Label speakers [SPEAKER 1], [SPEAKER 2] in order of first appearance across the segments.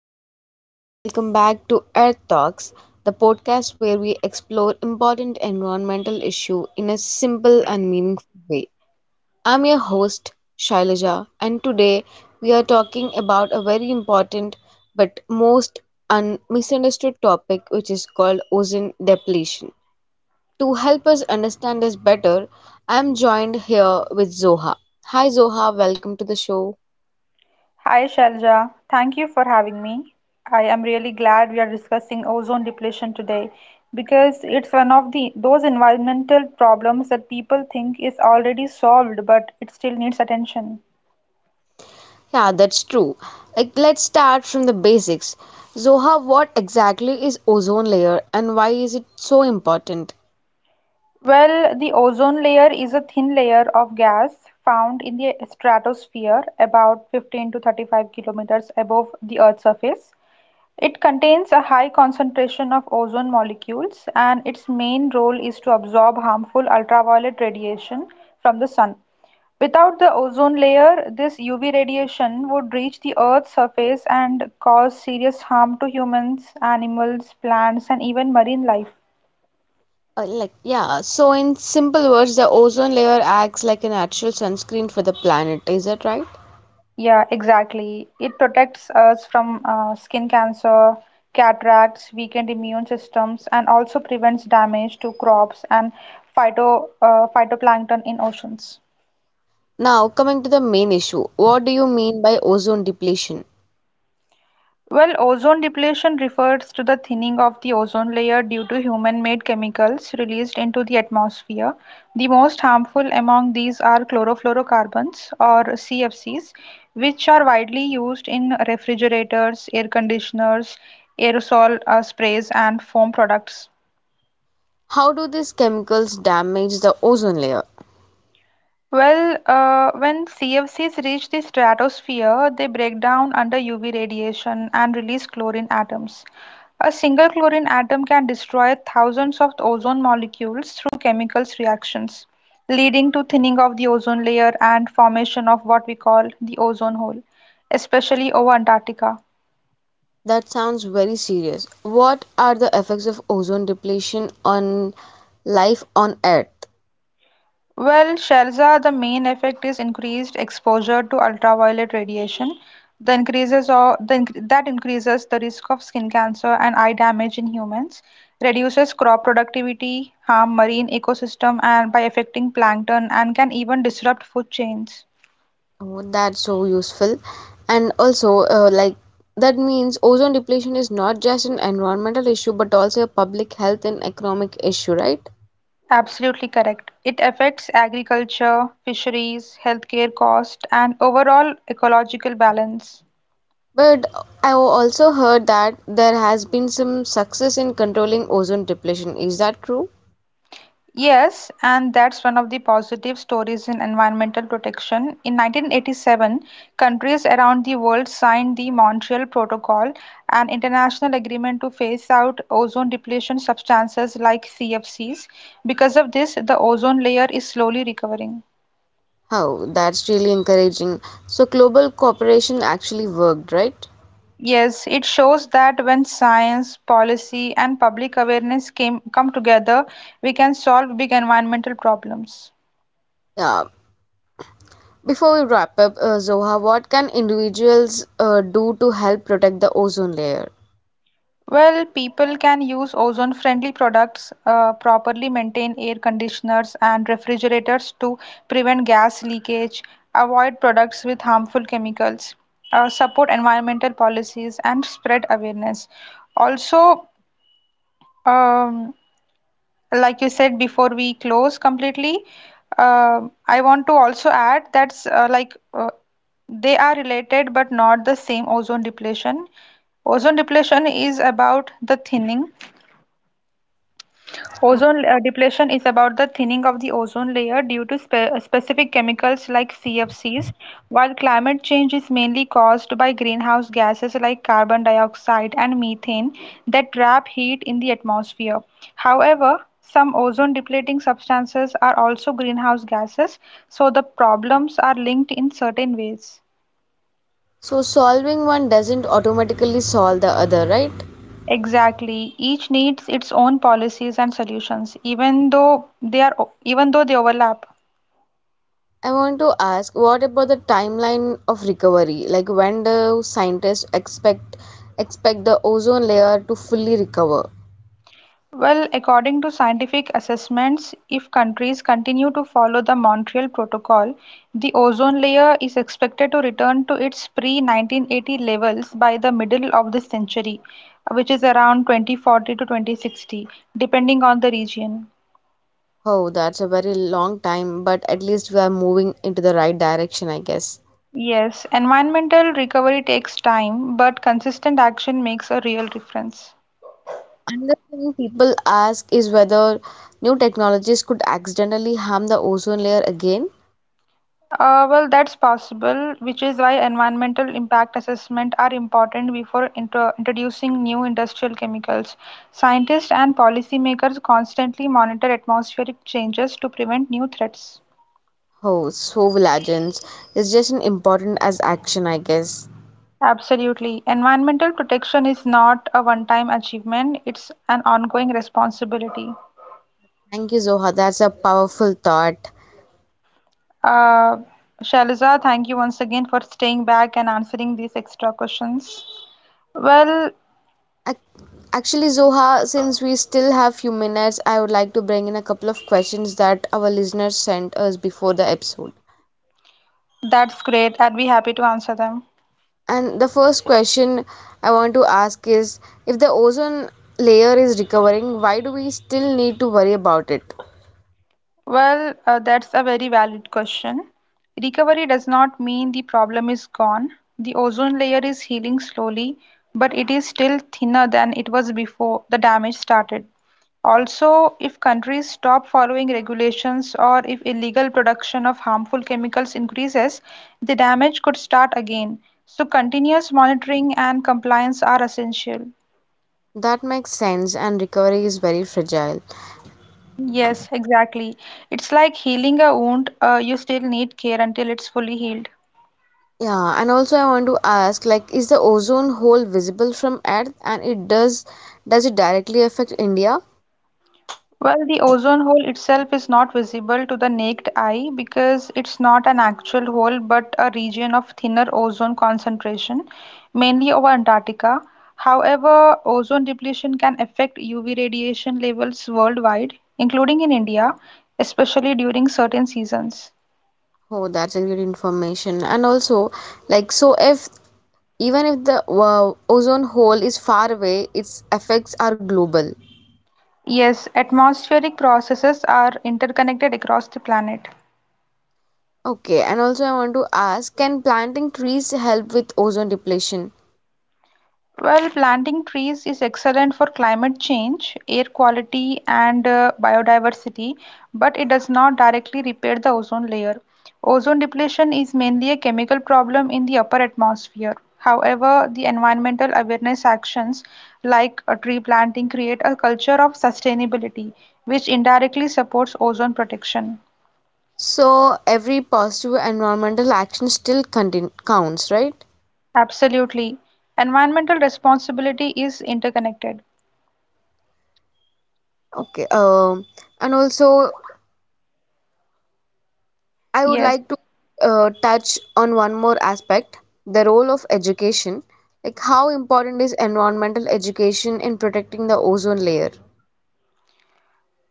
[SPEAKER 1] everyone, and welcome back to Earth Talks, the podcast where we explore important environmental issue in a simple and meaningful way. I'm your host, Shailaja, and today we are talking about a very important but most misunderstood topic, which is called ozone depletion. To help us understand this better, I'm joined here with Zoha. Hi, Zoha, welcome to the show.
[SPEAKER 2] Hi Shalja, thank you for having me. I am really glad we are discussing ozone depletion today because it's one of the those environmental problems that people think is already solved but it still needs attention.
[SPEAKER 1] Yeah, that's true. Like, let's start from the basics. Zoha, what exactly is ozone layer and why is it so important?
[SPEAKER 2] Well, the ozone layer is a thin layer of gas found in the stratosphere about 15 to 35 kilometers above the Earth's surface. It contains a high concentration of ozone molecules, and its main role is to absorb harmful ultraviolet radiation from the sun. Without the ozone layer, this UV radiation would reach the Earth's surface and cause serious harm to humans, animals, plants, and even marine life.
[SPEAKER 1] Like, yeah, so in simple words, the ozone layer acts like a natural sunscreen for the planet. Is that right?
[SPEAKER 2] Yeah, exactly. It protects us from skin cancer, cataracts, weakened immune systems, and also prevents damage to crops and phytoplankton in oceans.
[SPEAKER 1] Now, coming to the main issue, what do you mean by ozone depletion?
[SPEAKER 2] Well, ozone depletion refers to the thinning of the ozone layer due to human-made chemicals released into the atmosphere. The most harmful among these are chlorofluorocarbons, or CFCs, which are widely used in refrigerators, air conditioners, aerosol sprays, and foam products.
[SPEAKER 1] How do these chemicals damage the ozone layer?
[SPEAKER 2] Well, when CFCs reach the stratosphere, they break down under UV radiation and release chlorine atoms. A single chlorine atom can destroy thousands of ozone molecules through chemical reactions, leading to thinning of the ozone layer and formation of what we call the ozone hole, especially over Antarctica.
[SPEAKER 1] That sounds very serious. What are the effects of ozone depletion on life on Earth?
[SPEAKER 2] Well, Shelza, the main effect is increased exposure to ultraviolet radiation. The increases or the, inc- That increases the risk of skin cancer and eye damage in humans, reduces crop productivity, harm marine ecosystem, and by affecting plankton and can even disrupt food chains.
[SPEAKER 1] Oh, that's so useful. And also, like, that means ozone depletion is not just an environmental issue but also a public health and economic issue, right?
[SPEAKER 2] Absolutely correct. It affects agriculture, fisheries, healthcare cost, and overall ecological balance.
[SPEAKER 1] But I also heard that there has been some success in controlling ozone depletion. Is that true?
[SPEAKER 2] Yes, and that's one of the positive stories in environmental protection. In 1987, countries around the world signed the Montreal Protocol, an international agreement to phase out ozone depletion substances like CFCs. Because of this, the ozone layer is slowly recovering.
[SPEAKER 1] Oh, that's really encouraging. So, global cooperation actually worked, right?
[SPEAKER 2] Yes, it shows that when science, policy, and public awareness came, come together, we can solve big environmental problems.
[SPEAKER 1] Yeah. Before we wrap up, Zoha, what can individuals do to help protect the ozone layer?
[SPEAKER 2] Well, people can use ozone-friendly products, properly maintain air conditioners and refrigerators to prevent gas leakage, avoid products with harmful chemicals, support environmental policies, and spread awareness. Also, um, like you said before we close completely, uh, I want to also add that's they are related but not the same ozone depletion. Ozone depletion is about the thinning Ozone Depletion is about the thinning of the ozone layer due to specific chemicals like CFCs, while climate change is mainly caused by greenhouse gases like carbon dioxide and methane that trap heat in the atmosphere. However, some ozone depleting substances are also greenhouse gases, so the problems are linked in certain ways.
[SPEAKER 1] So solving one doesn't automatically solve the other, right?
[SPEAKER 2] Exactly. Each needs its own policies and solutions, even though they overlap.
[SPEAKER 1] I want to ask what about the timeline of recovery? Like when do scientists expect the ozone layer to fully recover?
[SPEAKER 2] Well, according to scientific assessments, if countries continue to follow the Montreal Protocol, the ozone layer is expected to return to its pre-1980 levels by the middle of the century, which is around 2040 to 2060, depending on the region.
[SPEAKER 1] Oh, that's a very long time, but at least we are moving into the right direction, I guess.
[SPEAKER 2] Yes, environmental recovery takes time, but consistent action makes a real difference.
[SPEAKER 1] Another thing people ask is whether new technologies could accidentally harm the ozone layer again.
[SPEAKER 2] Well, that's possible, which is why environmental impact assessment are important before introducing new industrial chemicals. Scientists and policymakers constantly monitor atmospheric changes to prevent new threats.
[SPEAKER 1] Oh, so will agents. It's just an important as action, I guess.
[SPEAKER 2] Absolutely. Environmental protection is not a one-time achievement, it's an ongoing responsibility.
[SPEAKER 1] Thank you, Zoha. That's a powerful thought.
[SPEAKER 2] Uh, Shaliza, thank you once again for staying back and answering these extra questions. Well,
[SPEAKER 1] Ac- Actually, Zoha, since we still have few minutes, I would like to bring in a couple of questions that our listeners sent us before the episode.
[SPEAKER 2] that's great. I'd be happy to answer them.
[SPEAKER 1] And the first question I want to ask is if the ozone layer is recovering, why do we still need to worry about it?
[SPEAKER 2] Well, that's a very valid question. Recovery does not mean the problem is gone. The ozone layer is healing slowly, but it is still thinner than it was before the damage started. Also, if countries stop following regulations or if illegal production of harmful chemicals increases, the damage could start again. So, continuous monitoring and compliance are essential.
[SPEAKER 1] That makes sense, and recovery is very fragile.
[SPEAKER 2] Yes, exactly. It's like healing a wound, you still need care until it's fully healed.
[SPEAKER 1] Yeah, and also I want to ask like is the ozone hole visible from Earth and it does it directly affect India?
[SPEAKER 2] Well, the ozone hole itself is not visible to the naked eye because it's not an actual hole but a region of thinner ozone concentration, mainly over Antarctica. However, ozone depletion can affect UV radiation levels worldwide, including in India, especially during certain seasons.
[SPEAKER 1] Oh, that's a good information. And also, like, so if even if the ozone hole is far away, its effects are global.
[SPEAKER 2] Yes, atmospheric processes are interconnected across the planet.
[SPEAKER 1] Okay, and also I want to ask, can planting trees help with ozone depletion?
[SPEAKER 2] Well, planting trees is excellent for climate change, air quality, and biodiversity, but it does not directly repair the ozone layer. Ozone depletion is mainly a chemical problem in the upper atmosphere. However, the environmental awareness actions like tree planting create a culture of sustainability, which indirectly supports ozone protection.
[SPEAKER 1] So every positive environmental action still counts, right?
[SPEAKER 2] Absolutely. Environmental responsibility is interconnected.
[SPEAKER 1] Okay. And also, I would
[SPEAKER 2] Yes.
[SPEAKER 1] like to touch on one more aspect, the role of education. Like, how important is environmental education in protecting the ozone layer?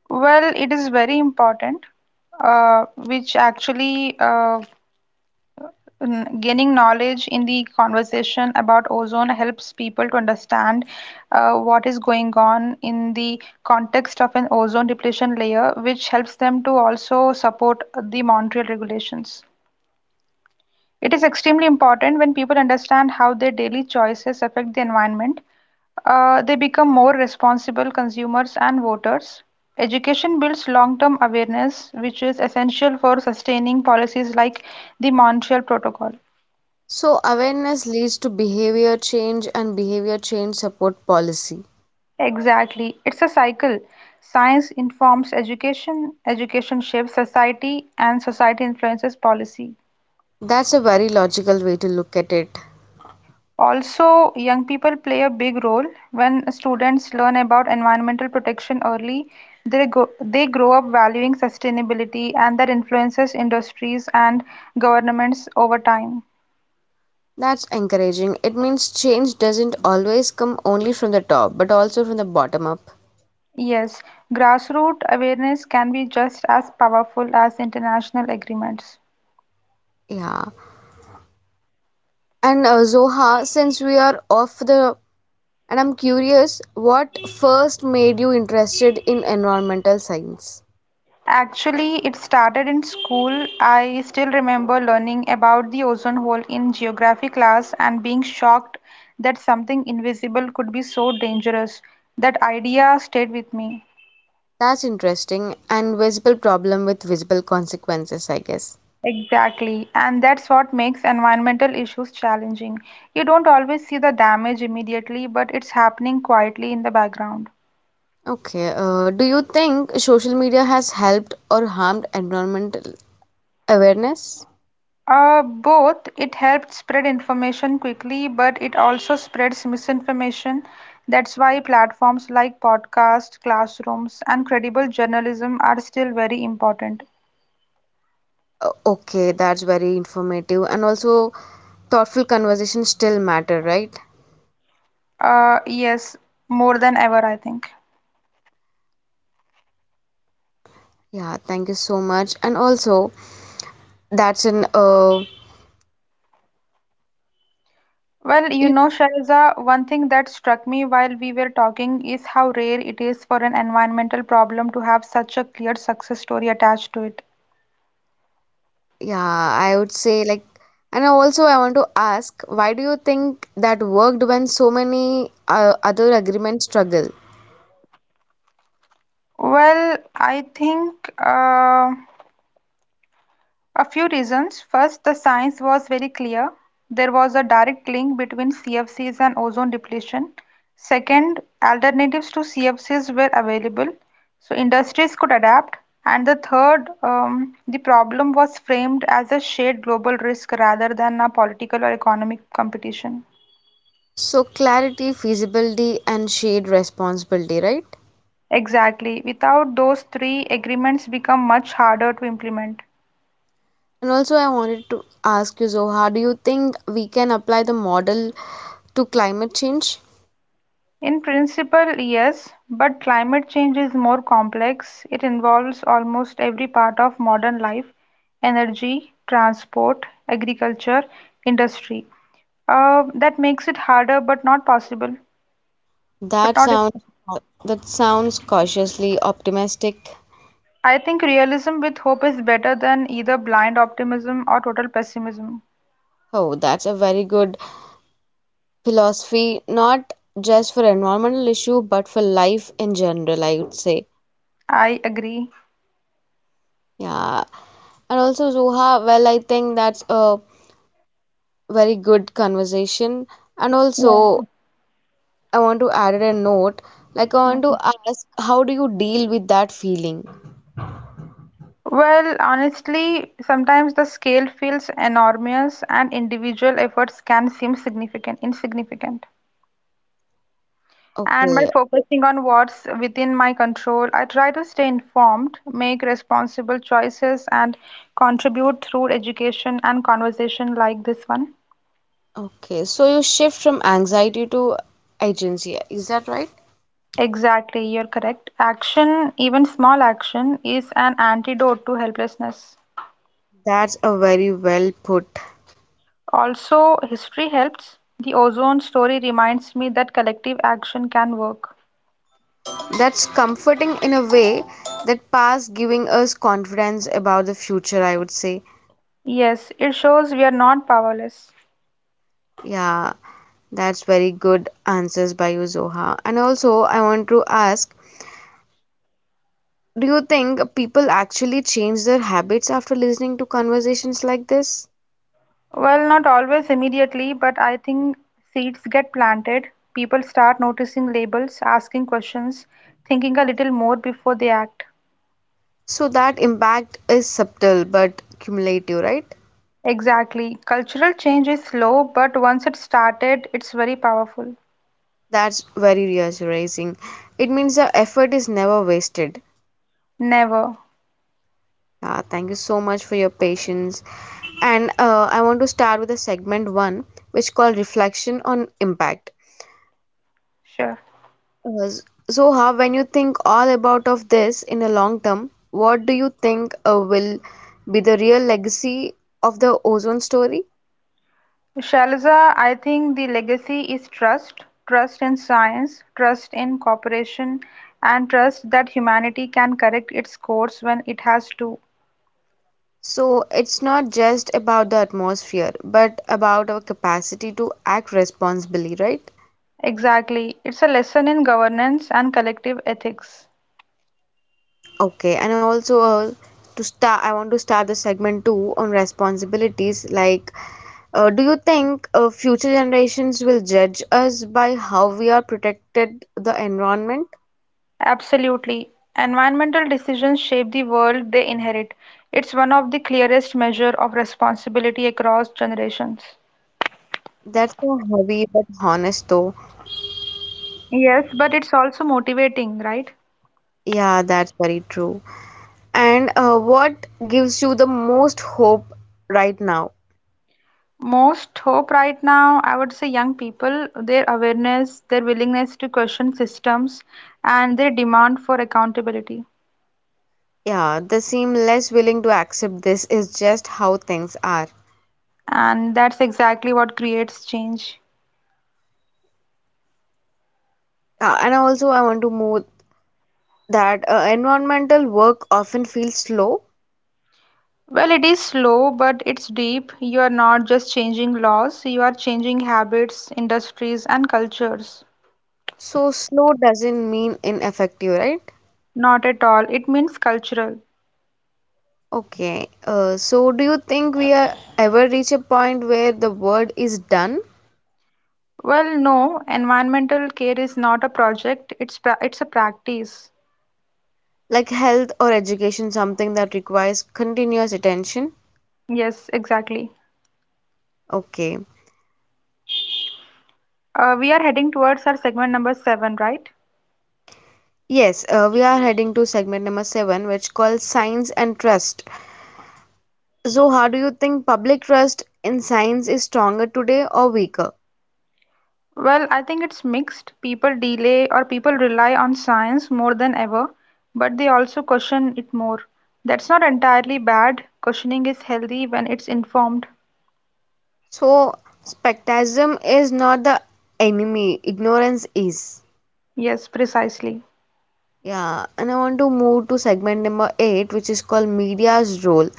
[SPEAKER 2] Well, it is very important, uh, which actually uh, gaining knowledge in the conversation about ozone helps people to understand what is going on in the context of an ozone depletion layer, which helps them to also support the Montreal regulations. It is extremely important when people understand how their daily choices affect the environment they become more responsible consumers and voters. Education builds long term awareness, which is essential for sustaining policies like the Montreal Protocol.
[SPEAKER 1] So, awareness leads to behavior change, and behavior change support policy.
[SPEAKER 2] Exactly. It's a cycle. Science informs education, education shapes society, and society influences policy.
[SPEAKER 1] That's a very logical way to look at it.
[SPEAKER 2] Also, young people play a big role. When students learn about environmental protection early, they grow up valuing sustainability and that influences industries and governments over time.
[SPEAKER 1] That's encouraging. It means change doesn't always come only from the top, but also from the bottom up.
[SPEAKER 2] Yes, grassroots awareness can be just as powerful as international agreements.
[SPEAKER 1] Yeah. And Zoha, since we are off the, and I'm curious, what first made you interested in environmental science?
[SPEAKER 2] Actually, it started in school. I still remember learning about the ozone hole in geography class and being shocked that something invisible could be so dangerous. That idea stayed with me.
[SPEAKER 1] That's interesting and visible problem with visible consequences, I guess.
[SPEAKER 2] Exactly, and that's what makes environmental issues challenging. You don't always see the damage immediately, but it's happening quietly in the background.
[SPEAKER 1] Okay, do you think social media has helped or harmed environmental awareness?
[SPEAKER 2] Both. It helped spread information quickly, but it also spreads misinformation. That's why platforms like podcasts, classrooms, and credible journalism are still very important.
[SPEAKER 1] Okay, that's very informative and also thoughtful conversations still matter, right?
[SPEAKER 2] Yes, more than ever, I think.
[SPEAKER 1] Yeah, thank you so much. And also, that's an
[SPEAKER 2] Well, you
[SPEAKER 1] it,
[SPEAKER 2] know, Shariza, one thing that struck me while we were talking is how rare it is for an environmental problem to have such a clear success story attached to it.
[SPEAKER 1] yeah, I would say, like, and also I want to ask, why do you think that worked when so many other agreements struggle?
[SPEAKER 2] Well, I think. A few reasons. First, the science was very clear. There was a direct link between CFCs and ozone depletion. Second, alternatives to CFCs were available, so industries could adapt. And the third, the problem was framed as a shared global risk rather than a political or economic competition.
[SPEAKER 1] So clarity, feasibility, and shared responsibility, right?
[SPEAKER 2] Exactly. Without those three, agreements become much harder to implement.
[SPEAKER 1] And also, I wanted to ask you, Zoha, do you think we can apply the model to climate change?
[SPEAKER 2] In principle, yes, but climate change is more complex. It involves almost every part of modern life: energy, transport, agriculture, industry. That makes it harder, but
[SPEAKER 1] That
[SPEAKER 2] not
[SPEAKER 1] sounds
[SPEAKER 2] impossible.
[SPEAKER 1] that sounds cautiously optimistic.
[SPEAKER 2] I think realism with hope is better than either blind optimism or total pessimism.
[SPEAKER 1] Oh, that's a very good philosophy, not just for environmental issue, but for life in general, I would say.
[SPEAKER 2] I agree.
[SPEAKER 1] Yeah. And also, Zoha, well, I think that's a very good conversation. And
[SPEAKER 2] Yeah.
[SPEAKER 1] also, I want to add a note. Like, I want to
[SPEAKER 2] Mm.
[SPEAKER 1] ask, how do you deal with that feeling?
[SPEAKER 2] Well, honestly, sometimes the scale feels enormous and individual efforts can seem insignificant. And by
[SPEAKER 1] Okay,
[SPEAKER 2] focusing on what's within my control, I try to stay informed, make responsible choices, and contribute through education and conversation like this one.
[SPEAKER 1] Okay, so you shift from anxiety to agency, is that right?
[SPEAKER 2] Exactly, you're correct. Action, even small action, is an antidote to helplessness.
[SPEAKER 1] That's a very well put.
[SPEAKER 2] Also, history helps. The ozone story reminds me that collective action can work.
[SPEAKER 1] That's comforting in a way that past giving us confidence about the future, I would say.
[SPEAKER 2] Yes, it shows we are not powerless.
[SPEAKER 1] Yeah, that's very good answers by you, Zoha. And also, I want to ask, do you think people actually change their habits after listening to conversations like this?
[SPEAKER 2] Well, not always immediately, but I think seeds get planted. People start noticing labels, asking questions, thinking a little more before they act.
[SPEAKER 1] So that impact is subtle but cumulative, right?
[SPEAKER 2] Exactly. Cultural change is slow, but once it's started, it's very powerful.
[SPEAKER 1] That's very reassuring. It means the effort is never wasted.
[SPEAKER 2] Never.
[SPEAKER 1] Yeah, thank you so much for your patience. And I want to start with the segment one, which called reflection on impact.
[SPEAKER 2] Sure.
[SPEAKER 1] Uh, s- so, how when you think all about of this in a long term, what do you think will be the real legacy of the ozone story?
[SPEAKER 2] Shaliza, I think the legacy is trust: trust in science, trust in cooperation, and trust that humanity can correct its course when it has to.
[SPEAKER 1] So, it's not just about the atmosphere, but about our capacity to act responsibly, right?
[SPEAKER 2] Exactly. It's a lesson in governance and collective ethics.
[SPEAKER 1] Okay, and also to start, I want to start the segment two on responsibilities. Like, do you think future generations will judge us by how we are protected the environment?
[SPEAKER 2] Absolutely. Environmental decisions shape the world they inherit. It's one of the clearest measure of responsibility across generations.
[SPEAKER 1] That's so heavy but honest, though.
[SPEAKER 2] Yes, but it's also motivating, right?
[SPEAKER 1] Yeah, that's very true. And what gives you the most hope right now?
[SPEAKER 2] Most hope right now, I would say young people, their awareness, their willingness to question systems, and their demand for accountability.
[SPEAKER 1] Yeah, they seem less willing to accept this is just how things are.
[SPEAKER 2] And that's exactly what creates change.
[SPEAKER 1] And also, I want to move that environmental work often feels slow.
[SPEAKER 2] Well, it is slow, but it's deep. You are not just changing laws, you are changing habits, industries, and cultures.
[SPEAKER 1] So slow doesn't mean ineffective, right?
[SPEAKER 2] Not at all. It means cultural.
[SPEAKER 1] Okay. So do you think we are ever reach a point where the word is done?
[SPEAKER 2] Well, no, environmental care is not a project, it's a practice.
[SPEAKER 1] Like health or education, something that requires continuous attention?
[SPEAKER 2] Yes, exactly.
[SPEAKER 1] Okay.
[SPEAKER 2] We are heading towards our segment number seven, right?
[SPEAKER 1] Yes, we are heading to segment number seven, which calls science and trust. So, how do you think public trust in science is stronger today or weaker?
[SPEAKER 2] Well, I think it's mixed. People delay or people rely on science more than ever, but they also question it more. That's not entirely bad. Questioning is healthy when it's informed.
[SPEAKER 1] So, spectacism is not the enemy, ignorance is.
[SPEAKER 2] Yes, precisely.
[SPEAKER 1] Yeah, and I want to move to segment number 8, which is called media's role.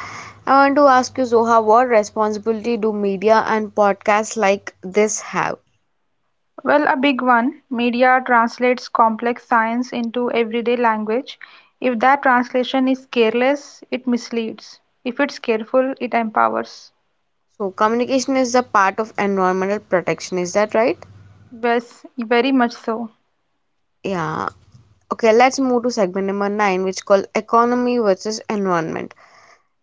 [SPEAKER 1] I want to ask you, Zoha, what responsibility do media and podcasts like this have?
[SPEAKER 2] Well, a big one. Media translates complex science into everyday language. If that translation is careless, it misleads. If it's careful, it empowers.
[SPEAKER 1] So, communication is a part of environmental protection, is that right?
[SPEAKER 2] Yes, very much so.
[SPEAKER 1] Yeah. Okay, let's move to segment number 9, which is called economy versus environment.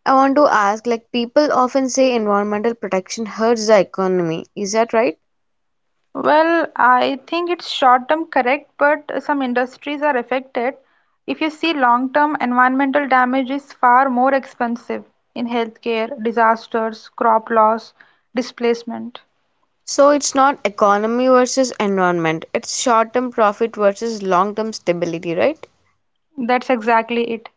[SPEAKER 1] I want to ask, like, people often say environmental protection hurts the economy. Is that right?
[SPEAKER 2] Well, I think it's short term correct, but some industries are affected. If you see long term, environmental damage is far more expensive in healthcare, disasters, crop loss, displacement.
[SPEAKER 1] So it's not economy versus environment, it's short term profit versus long term stability, right?
[SPEAKER 2] That's exactly it.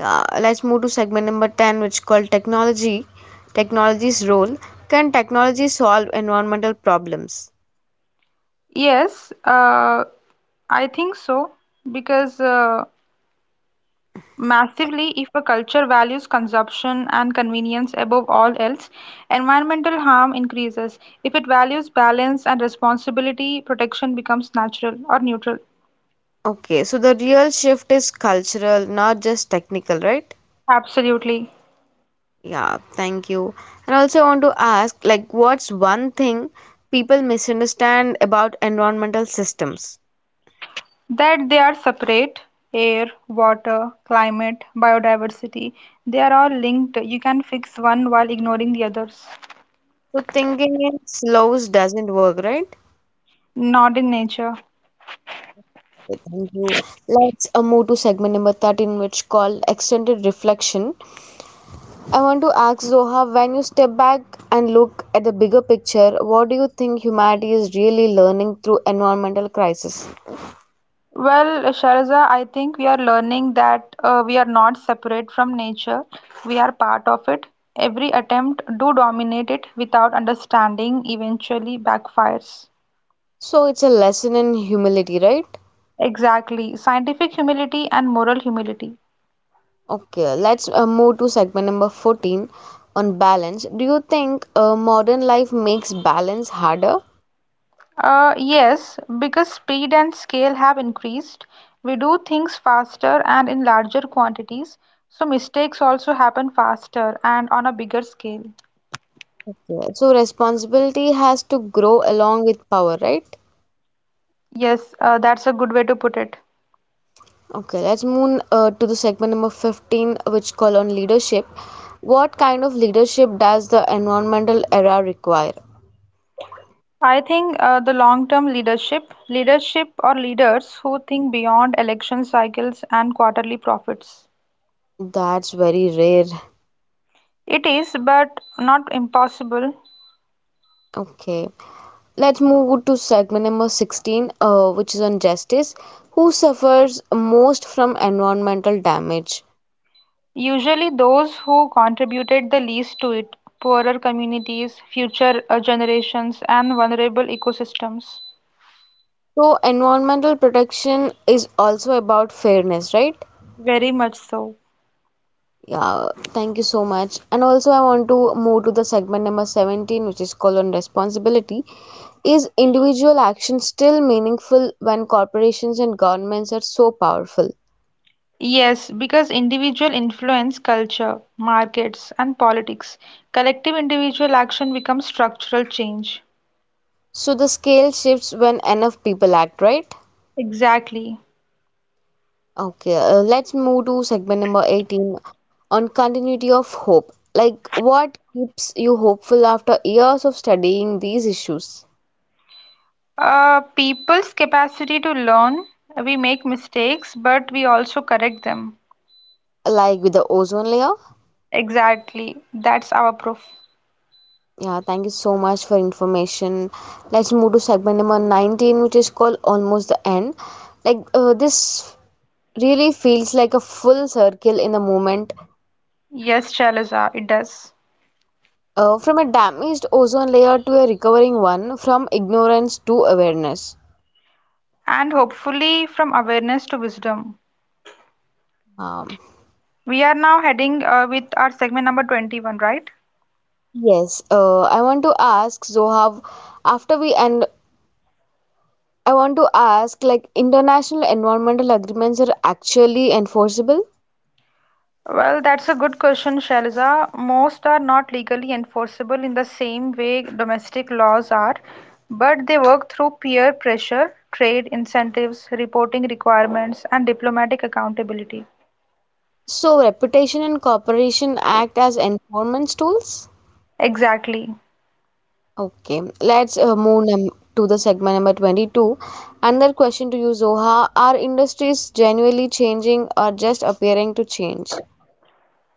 [SPEAKER 1] Yeah, let's move to segment number 10, which is called technology. Technology's role. Can technology solve environmental problems?
[SPEAKER 2] Yes, I think so because Massively, if a culture values consumption and convenience above all else, environmental harm increases. If it values balance and responsibility, protection becomes natural or neutral.
[SPEAKER 1] Okay, so the real shift is cultural, not just technical, right?
[SPEAKER 2] Absolutely.
[SPEAKER 1] Yeah, thank you. And also, I want to ask like, what's one thing people misunderstand about environmental systems?
[SPEAKER 2] That they are separate air, water, climate, biodiversity, they are all linked. You can fix one while ignoring the others.
[SPEAKER 1] So, thinking it slows doesn't work, right?
[SPEAKER 2] Not in nature.
[SPEAKER 1] Thank you. Let's move to segment number 13, which called extended reflection. I want to ask Zoha, when you step back and look at the bigger picture, what do you think humanity is really learning through environmental crisis?
[SPEAKER 2] Well, Sharza, I think we are learning that we are not separate from nature. We are part of it. Every attempt to dominate it without understanding eventually backfires.
[SPEAKER 1] So it's a lesson in humility, right?
[SPEAKER 2] Exactly. Scientific humility and moral humility.
[SPEAKER 1] Okay, let's move to segment number 14 on balance. Do you think modern life makes balance harder?
[SPEAKER 2] Yes, because speed and scale have increased, we do things faster and in larger quantities, so mistakes also happen faster and on a bigger scale.
[SPEAKER 1] Yeah, so responsibility has to grow along with power, right?
[SPEAKER 2] Yes, that's a good way to put it.
[SPEAKER 1] Okay, let's move to the segment number 15, which call on leadership. What kind of leadership does the environmental era require?
[SPEAKER 2] I think the long term leadership, leadership or leaders who think beyond election cycles and quarterly profits.
[SPEAKER 1] That's very rare.
[SPEAKER 2] It is, but not impossible,
[SPEAKER 1] Okay, let's move to segment number 16, which is on justice. Who suffers most from environmental damage?
[SPEAKER 2] usually those who contributed the least to it poorer communities, future generations, and vulnerable ecosystems.
[SPEAKER 1] So, environmental protection is also about fairness, right?
[SPEAKER 2] Very much so.
[SPEAKER 1] Yeah, thank you so much. And also, I want to move to the segment number 17, which is called on responsibility. Is individual action still meaningful when corporations and governments are so powerful?
[SPEAKER 2] Yes, because individual influence culture, markets, and politics. Collective individual action becomes structural change.
[SPEAKER 1] So, the scale shifts when enough people act, right?
[SPEAKER 2] Exactly.
[SPEAKER 1] Okay, let's move to segment number 18 on continuity of hope. Like, what keeps you hopeful after years of studying these issues?
[SPEAKER 2] People's capacity to learn, we make mistakes, but we also correct them.
[SPEAKER 1] Like with the ozone layer?
[SPEAKER 2] Exactly. That's our proof.
[SPEAKER 1] Yeah, thank you so much for information. Let's move to segment number 19, which is called Almost the End. Like, this really feels like a full circle in the moment
[SPEAKER 2] Yes, Shailaja, it does.
[SPEAKER 1] from a damaged ozone layer to a recovering one, from ignorance to awareness.
[SPEAKER 2] And hopefully, from awareness to wisdom.
[SPEAKER 1] Um,
[SPEAKER 2] We are now heading with our segment number 21, right?
[SPEAKER 1] yes, I want to ask Zohav after we end, I want to ask like, international environmental agreements are actually enforceable?
[SPEAKER 2] Well, that's a good question, Shailaja. Most are not legally enforceable in the same way domestic laws are, but they work through peer pressure, trade incentives, reporting requirements, and diplomatic accountability.
[SPEAKER 1] So, reputation and cooperation act as enforcement tools?
[SPEAKER 2] Exactly.
[SPEAKER 1] Okay, let's move num to the segment number 22. Another question to you, Zoha. Are industries genuinely changing or just appearing to change?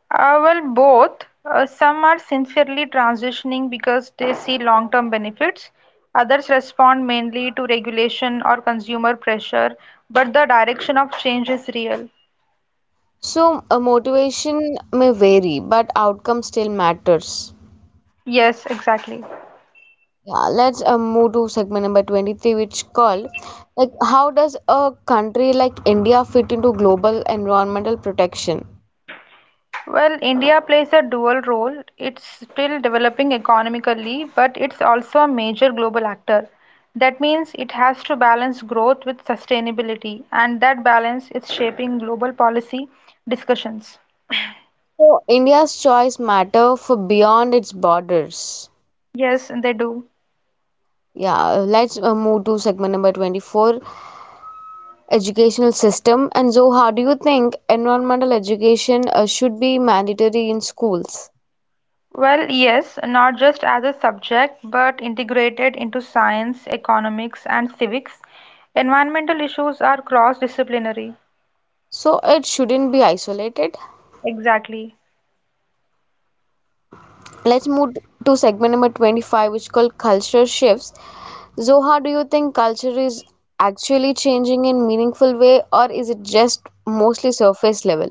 [SPEAKER 2] Well, both. Some are sincerely transitioning because they see long term benefits, others respond mainly to regulation or consumer pressure, but the direction of change is real.
[SPEAKER 1] So, motivation may vary, but outcome still matters.
[SPEAKER 2] Yes, exactly.
[SPEAKER 1] Yeah, let's move to segment number 23, which called like how does a country like India fit into global environmental protection?
[SPEAKER 2] Well, India plays a dual role. It's still developing economically, but it's also a major global actor. That means it has to balance growth with sustainability, and that balance is shaping global policy discussions.
[SPEAKER 1] So, India's choice matter for beyond its borders.
[SPEAKER 2] Yes, they do.
[SPEAKER 1] Yeah, let's move to segment number 24. Educational system. And so, how do you think environmental education should be mandatory in schools?
[SPEAKER 2] Well, yes, not just as a subject, but integrated into science, economics, and civics. Environmental issues are cross-disciplinary.
[SPEAKER 1] So it shouldn't be isolated.
[SPEAKER 2] Exactly.
[SPEAKER 1] Let's move to segment number 25, which is called culture shifts. So how do you think culture is actually changing in meaningful way or is it just mostly surface level?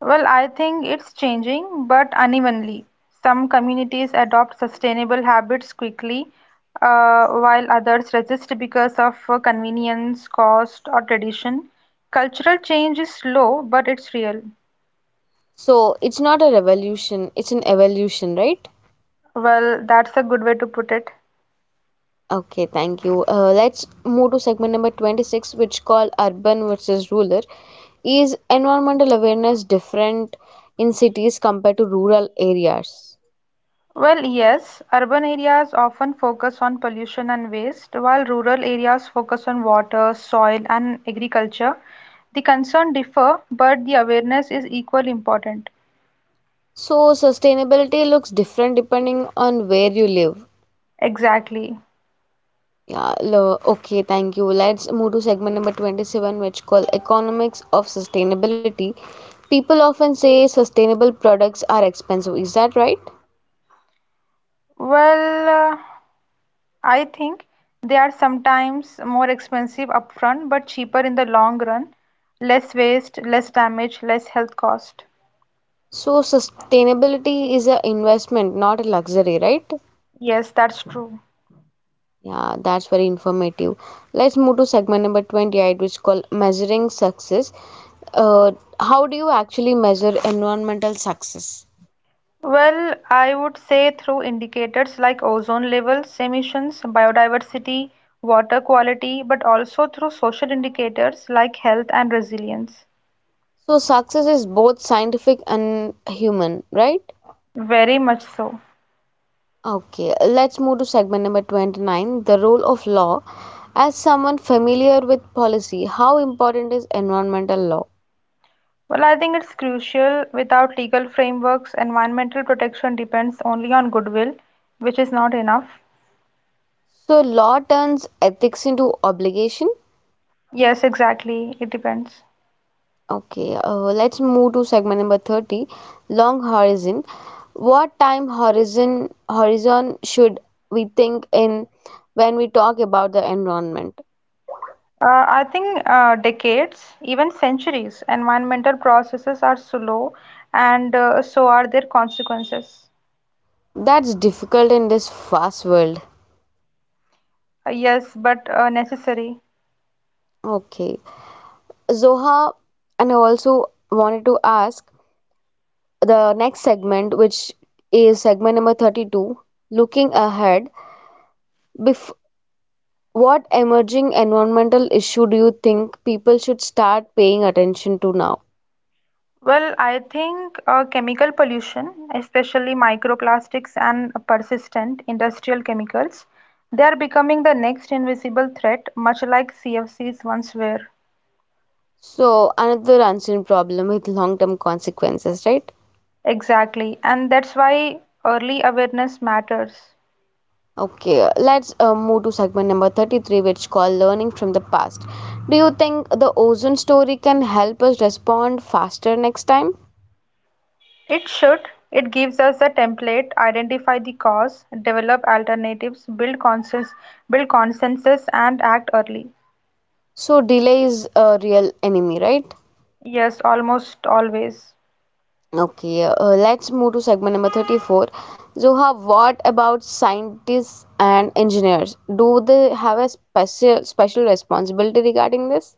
[SPEAKER 2] Well, I think it's changing, but unevenly. Some communities adopt sustainable habits quickly, while others resist because of convenience, cost, or tradition. Cultural change is slow, but it's real.
[SPEAKER 1] So it's not a revolution, it's an evolution, right?
[SPEAKER 2] Well, that's a good way to put it.
[SPEAKER 1] Okay, thank you. Let's move to segment number 26, which called urban versus rural. Is environmental awareness different in cities compared to rural areas?
[SPEAKER 2] Well, yes, urban areas often focus on pollution and waste, while rural areas focus on water, soil, and agriculture. The concern differ, but the awareness is equally important.
[SPEAKER 1] So, sustainability looks different depending on where you live.
[SPEAKER 2] Exactly.
[SPEAKER 1] Yeah, okay, thank you. Let's move to segment number 27, which called economics of sustainability. People often say sustainable products are expensive. Is that right?
[SPEAKER 2] Well, I think they are sometimes more expensive upfront, but cheaper in the long run. Less waste, less damage, less health cost.
[SPEAKER 1] So, sustainability is an investment, not a luxury, right?
[SPEAKER 2] Yes, that's true.
[SPEAKER 1] Yeah, that's very informative. Let's move to segment number 28, which is called measuring success. Uh, how do you actually measure environmental success?
[SPEAKER 2] Well, I would say through indicators like ozone levels, emissions, biodiversity, water quality, but also through social indicators like health and resilience.
[SPEAKER 1] So success is both scientific and human, right?
[SPEAKER 2] Very much so.
[SPEAKER 1] Okay, let's move to segment number 29, the role of law. As someone familiar with policy, how important is environmental law?
[SPEAKER 2] Well, I think it's crucial. Without legal frameworks, environmental protection depends only on goodwill, which is not enough.
[SPEAKER 1] So law turns ethics into obligation.
[SPEAKER 2] Yes, exactly. It depends.
[SPEAKER 1] Okay, let's move to segment number 30, long horizon. What time horizon should we think in when we talk about the environment?
[SPEAKER 2] I think decades, even centuries, environmental processes are slow, and so are their consequences.
[SPEAKER 1] That's difficult in this fast world.
[SPEAKER 2] Yes, but necessary.
[SPEAKER 1] Okay. Zoha, and I also wanted to ask the next segment, which is segment number 32, looking ahead. Bef What emerging environmental issue do you think people should start paying attention to now?
[SPEAKER 2] Well, I think chemical pollution, especially microplastics and persistent industrial chemicals, they are becoming the next invisible threat, much like CFCs once were.
[SPEAKER 1] So, another unseen problem with long term consequences, right?
[SPEAKER 2] Exactly, and that's why early awareness matters.
[SPEAKER 1] Okay, let's move to segment number 33, which called learning from the past. Do you think the ozone story can help us respond faster next time?
[SPEAKER 2] It should. It gives us a template, identify the cause, develop alternatives, build consensus, and act early.
[SPEAKER 1] So, delay is a real enemy, right?
[SPEAKER 2] Yes, almost always.
[SPEAKER 1] Okay, let's move to segment number 34. Zoha, what about scientists and engineers? Do they have a special responsibility regarding this?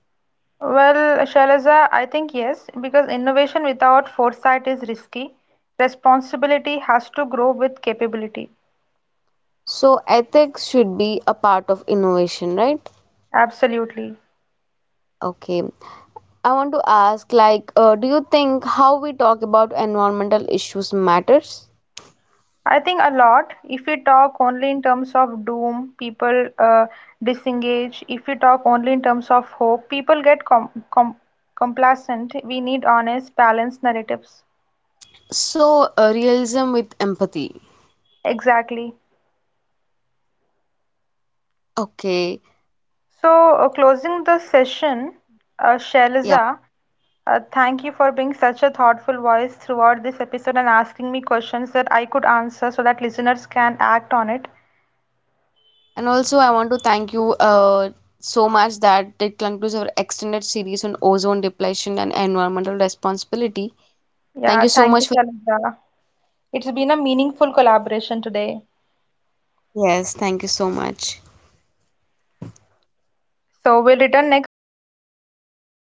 [SPEAKER 2] Well, Shailaja, I think yes, because innovation without foresight is risky. Responsibility has to grow with capability.
[SPEAKER 1] So ethics should be a part of innovation, right?
[SPEAKER 2] Absolutely.
[SPEAKER 1] Okay, I want to ask like, do you think how we talk about environmental issues matters?
[SPEAKER 2] I think a lot, if we talk only in terms of doom, people disengage. If we talk only in terms of hope, people get complacent. We need honest, balanced narratives.
[SPEAKER 1] So, realism with empathy.
[SPEAKER 2] Exactly.
[SPEAKER 1] Okay,
[SPEAKER 2] So, closing the session,
[SPEAKER 1] yeah.
[SPEAKER 2] Shailaja. Thank you for being such a thoughtful voice throughout this episode and asking me questions that I could answer so that listeners can act on it.
[SPEAKER 1] And also, I want to thank you so much that it concludes our extended series on ozone depletion and environmental responsibility. Thank
[SPEAKER 2] Yeah,
[SPEAKER 1] you so
[SPEAKER 2] thank you,
[SPEAKER 1] much for.
[SPEAKER 2] Shalindra. It's been a meaningful collaboration today.
[SPEAKER 1] Yes, thank you so much.
[SPEAKER 2] So we'll return next season with new topics,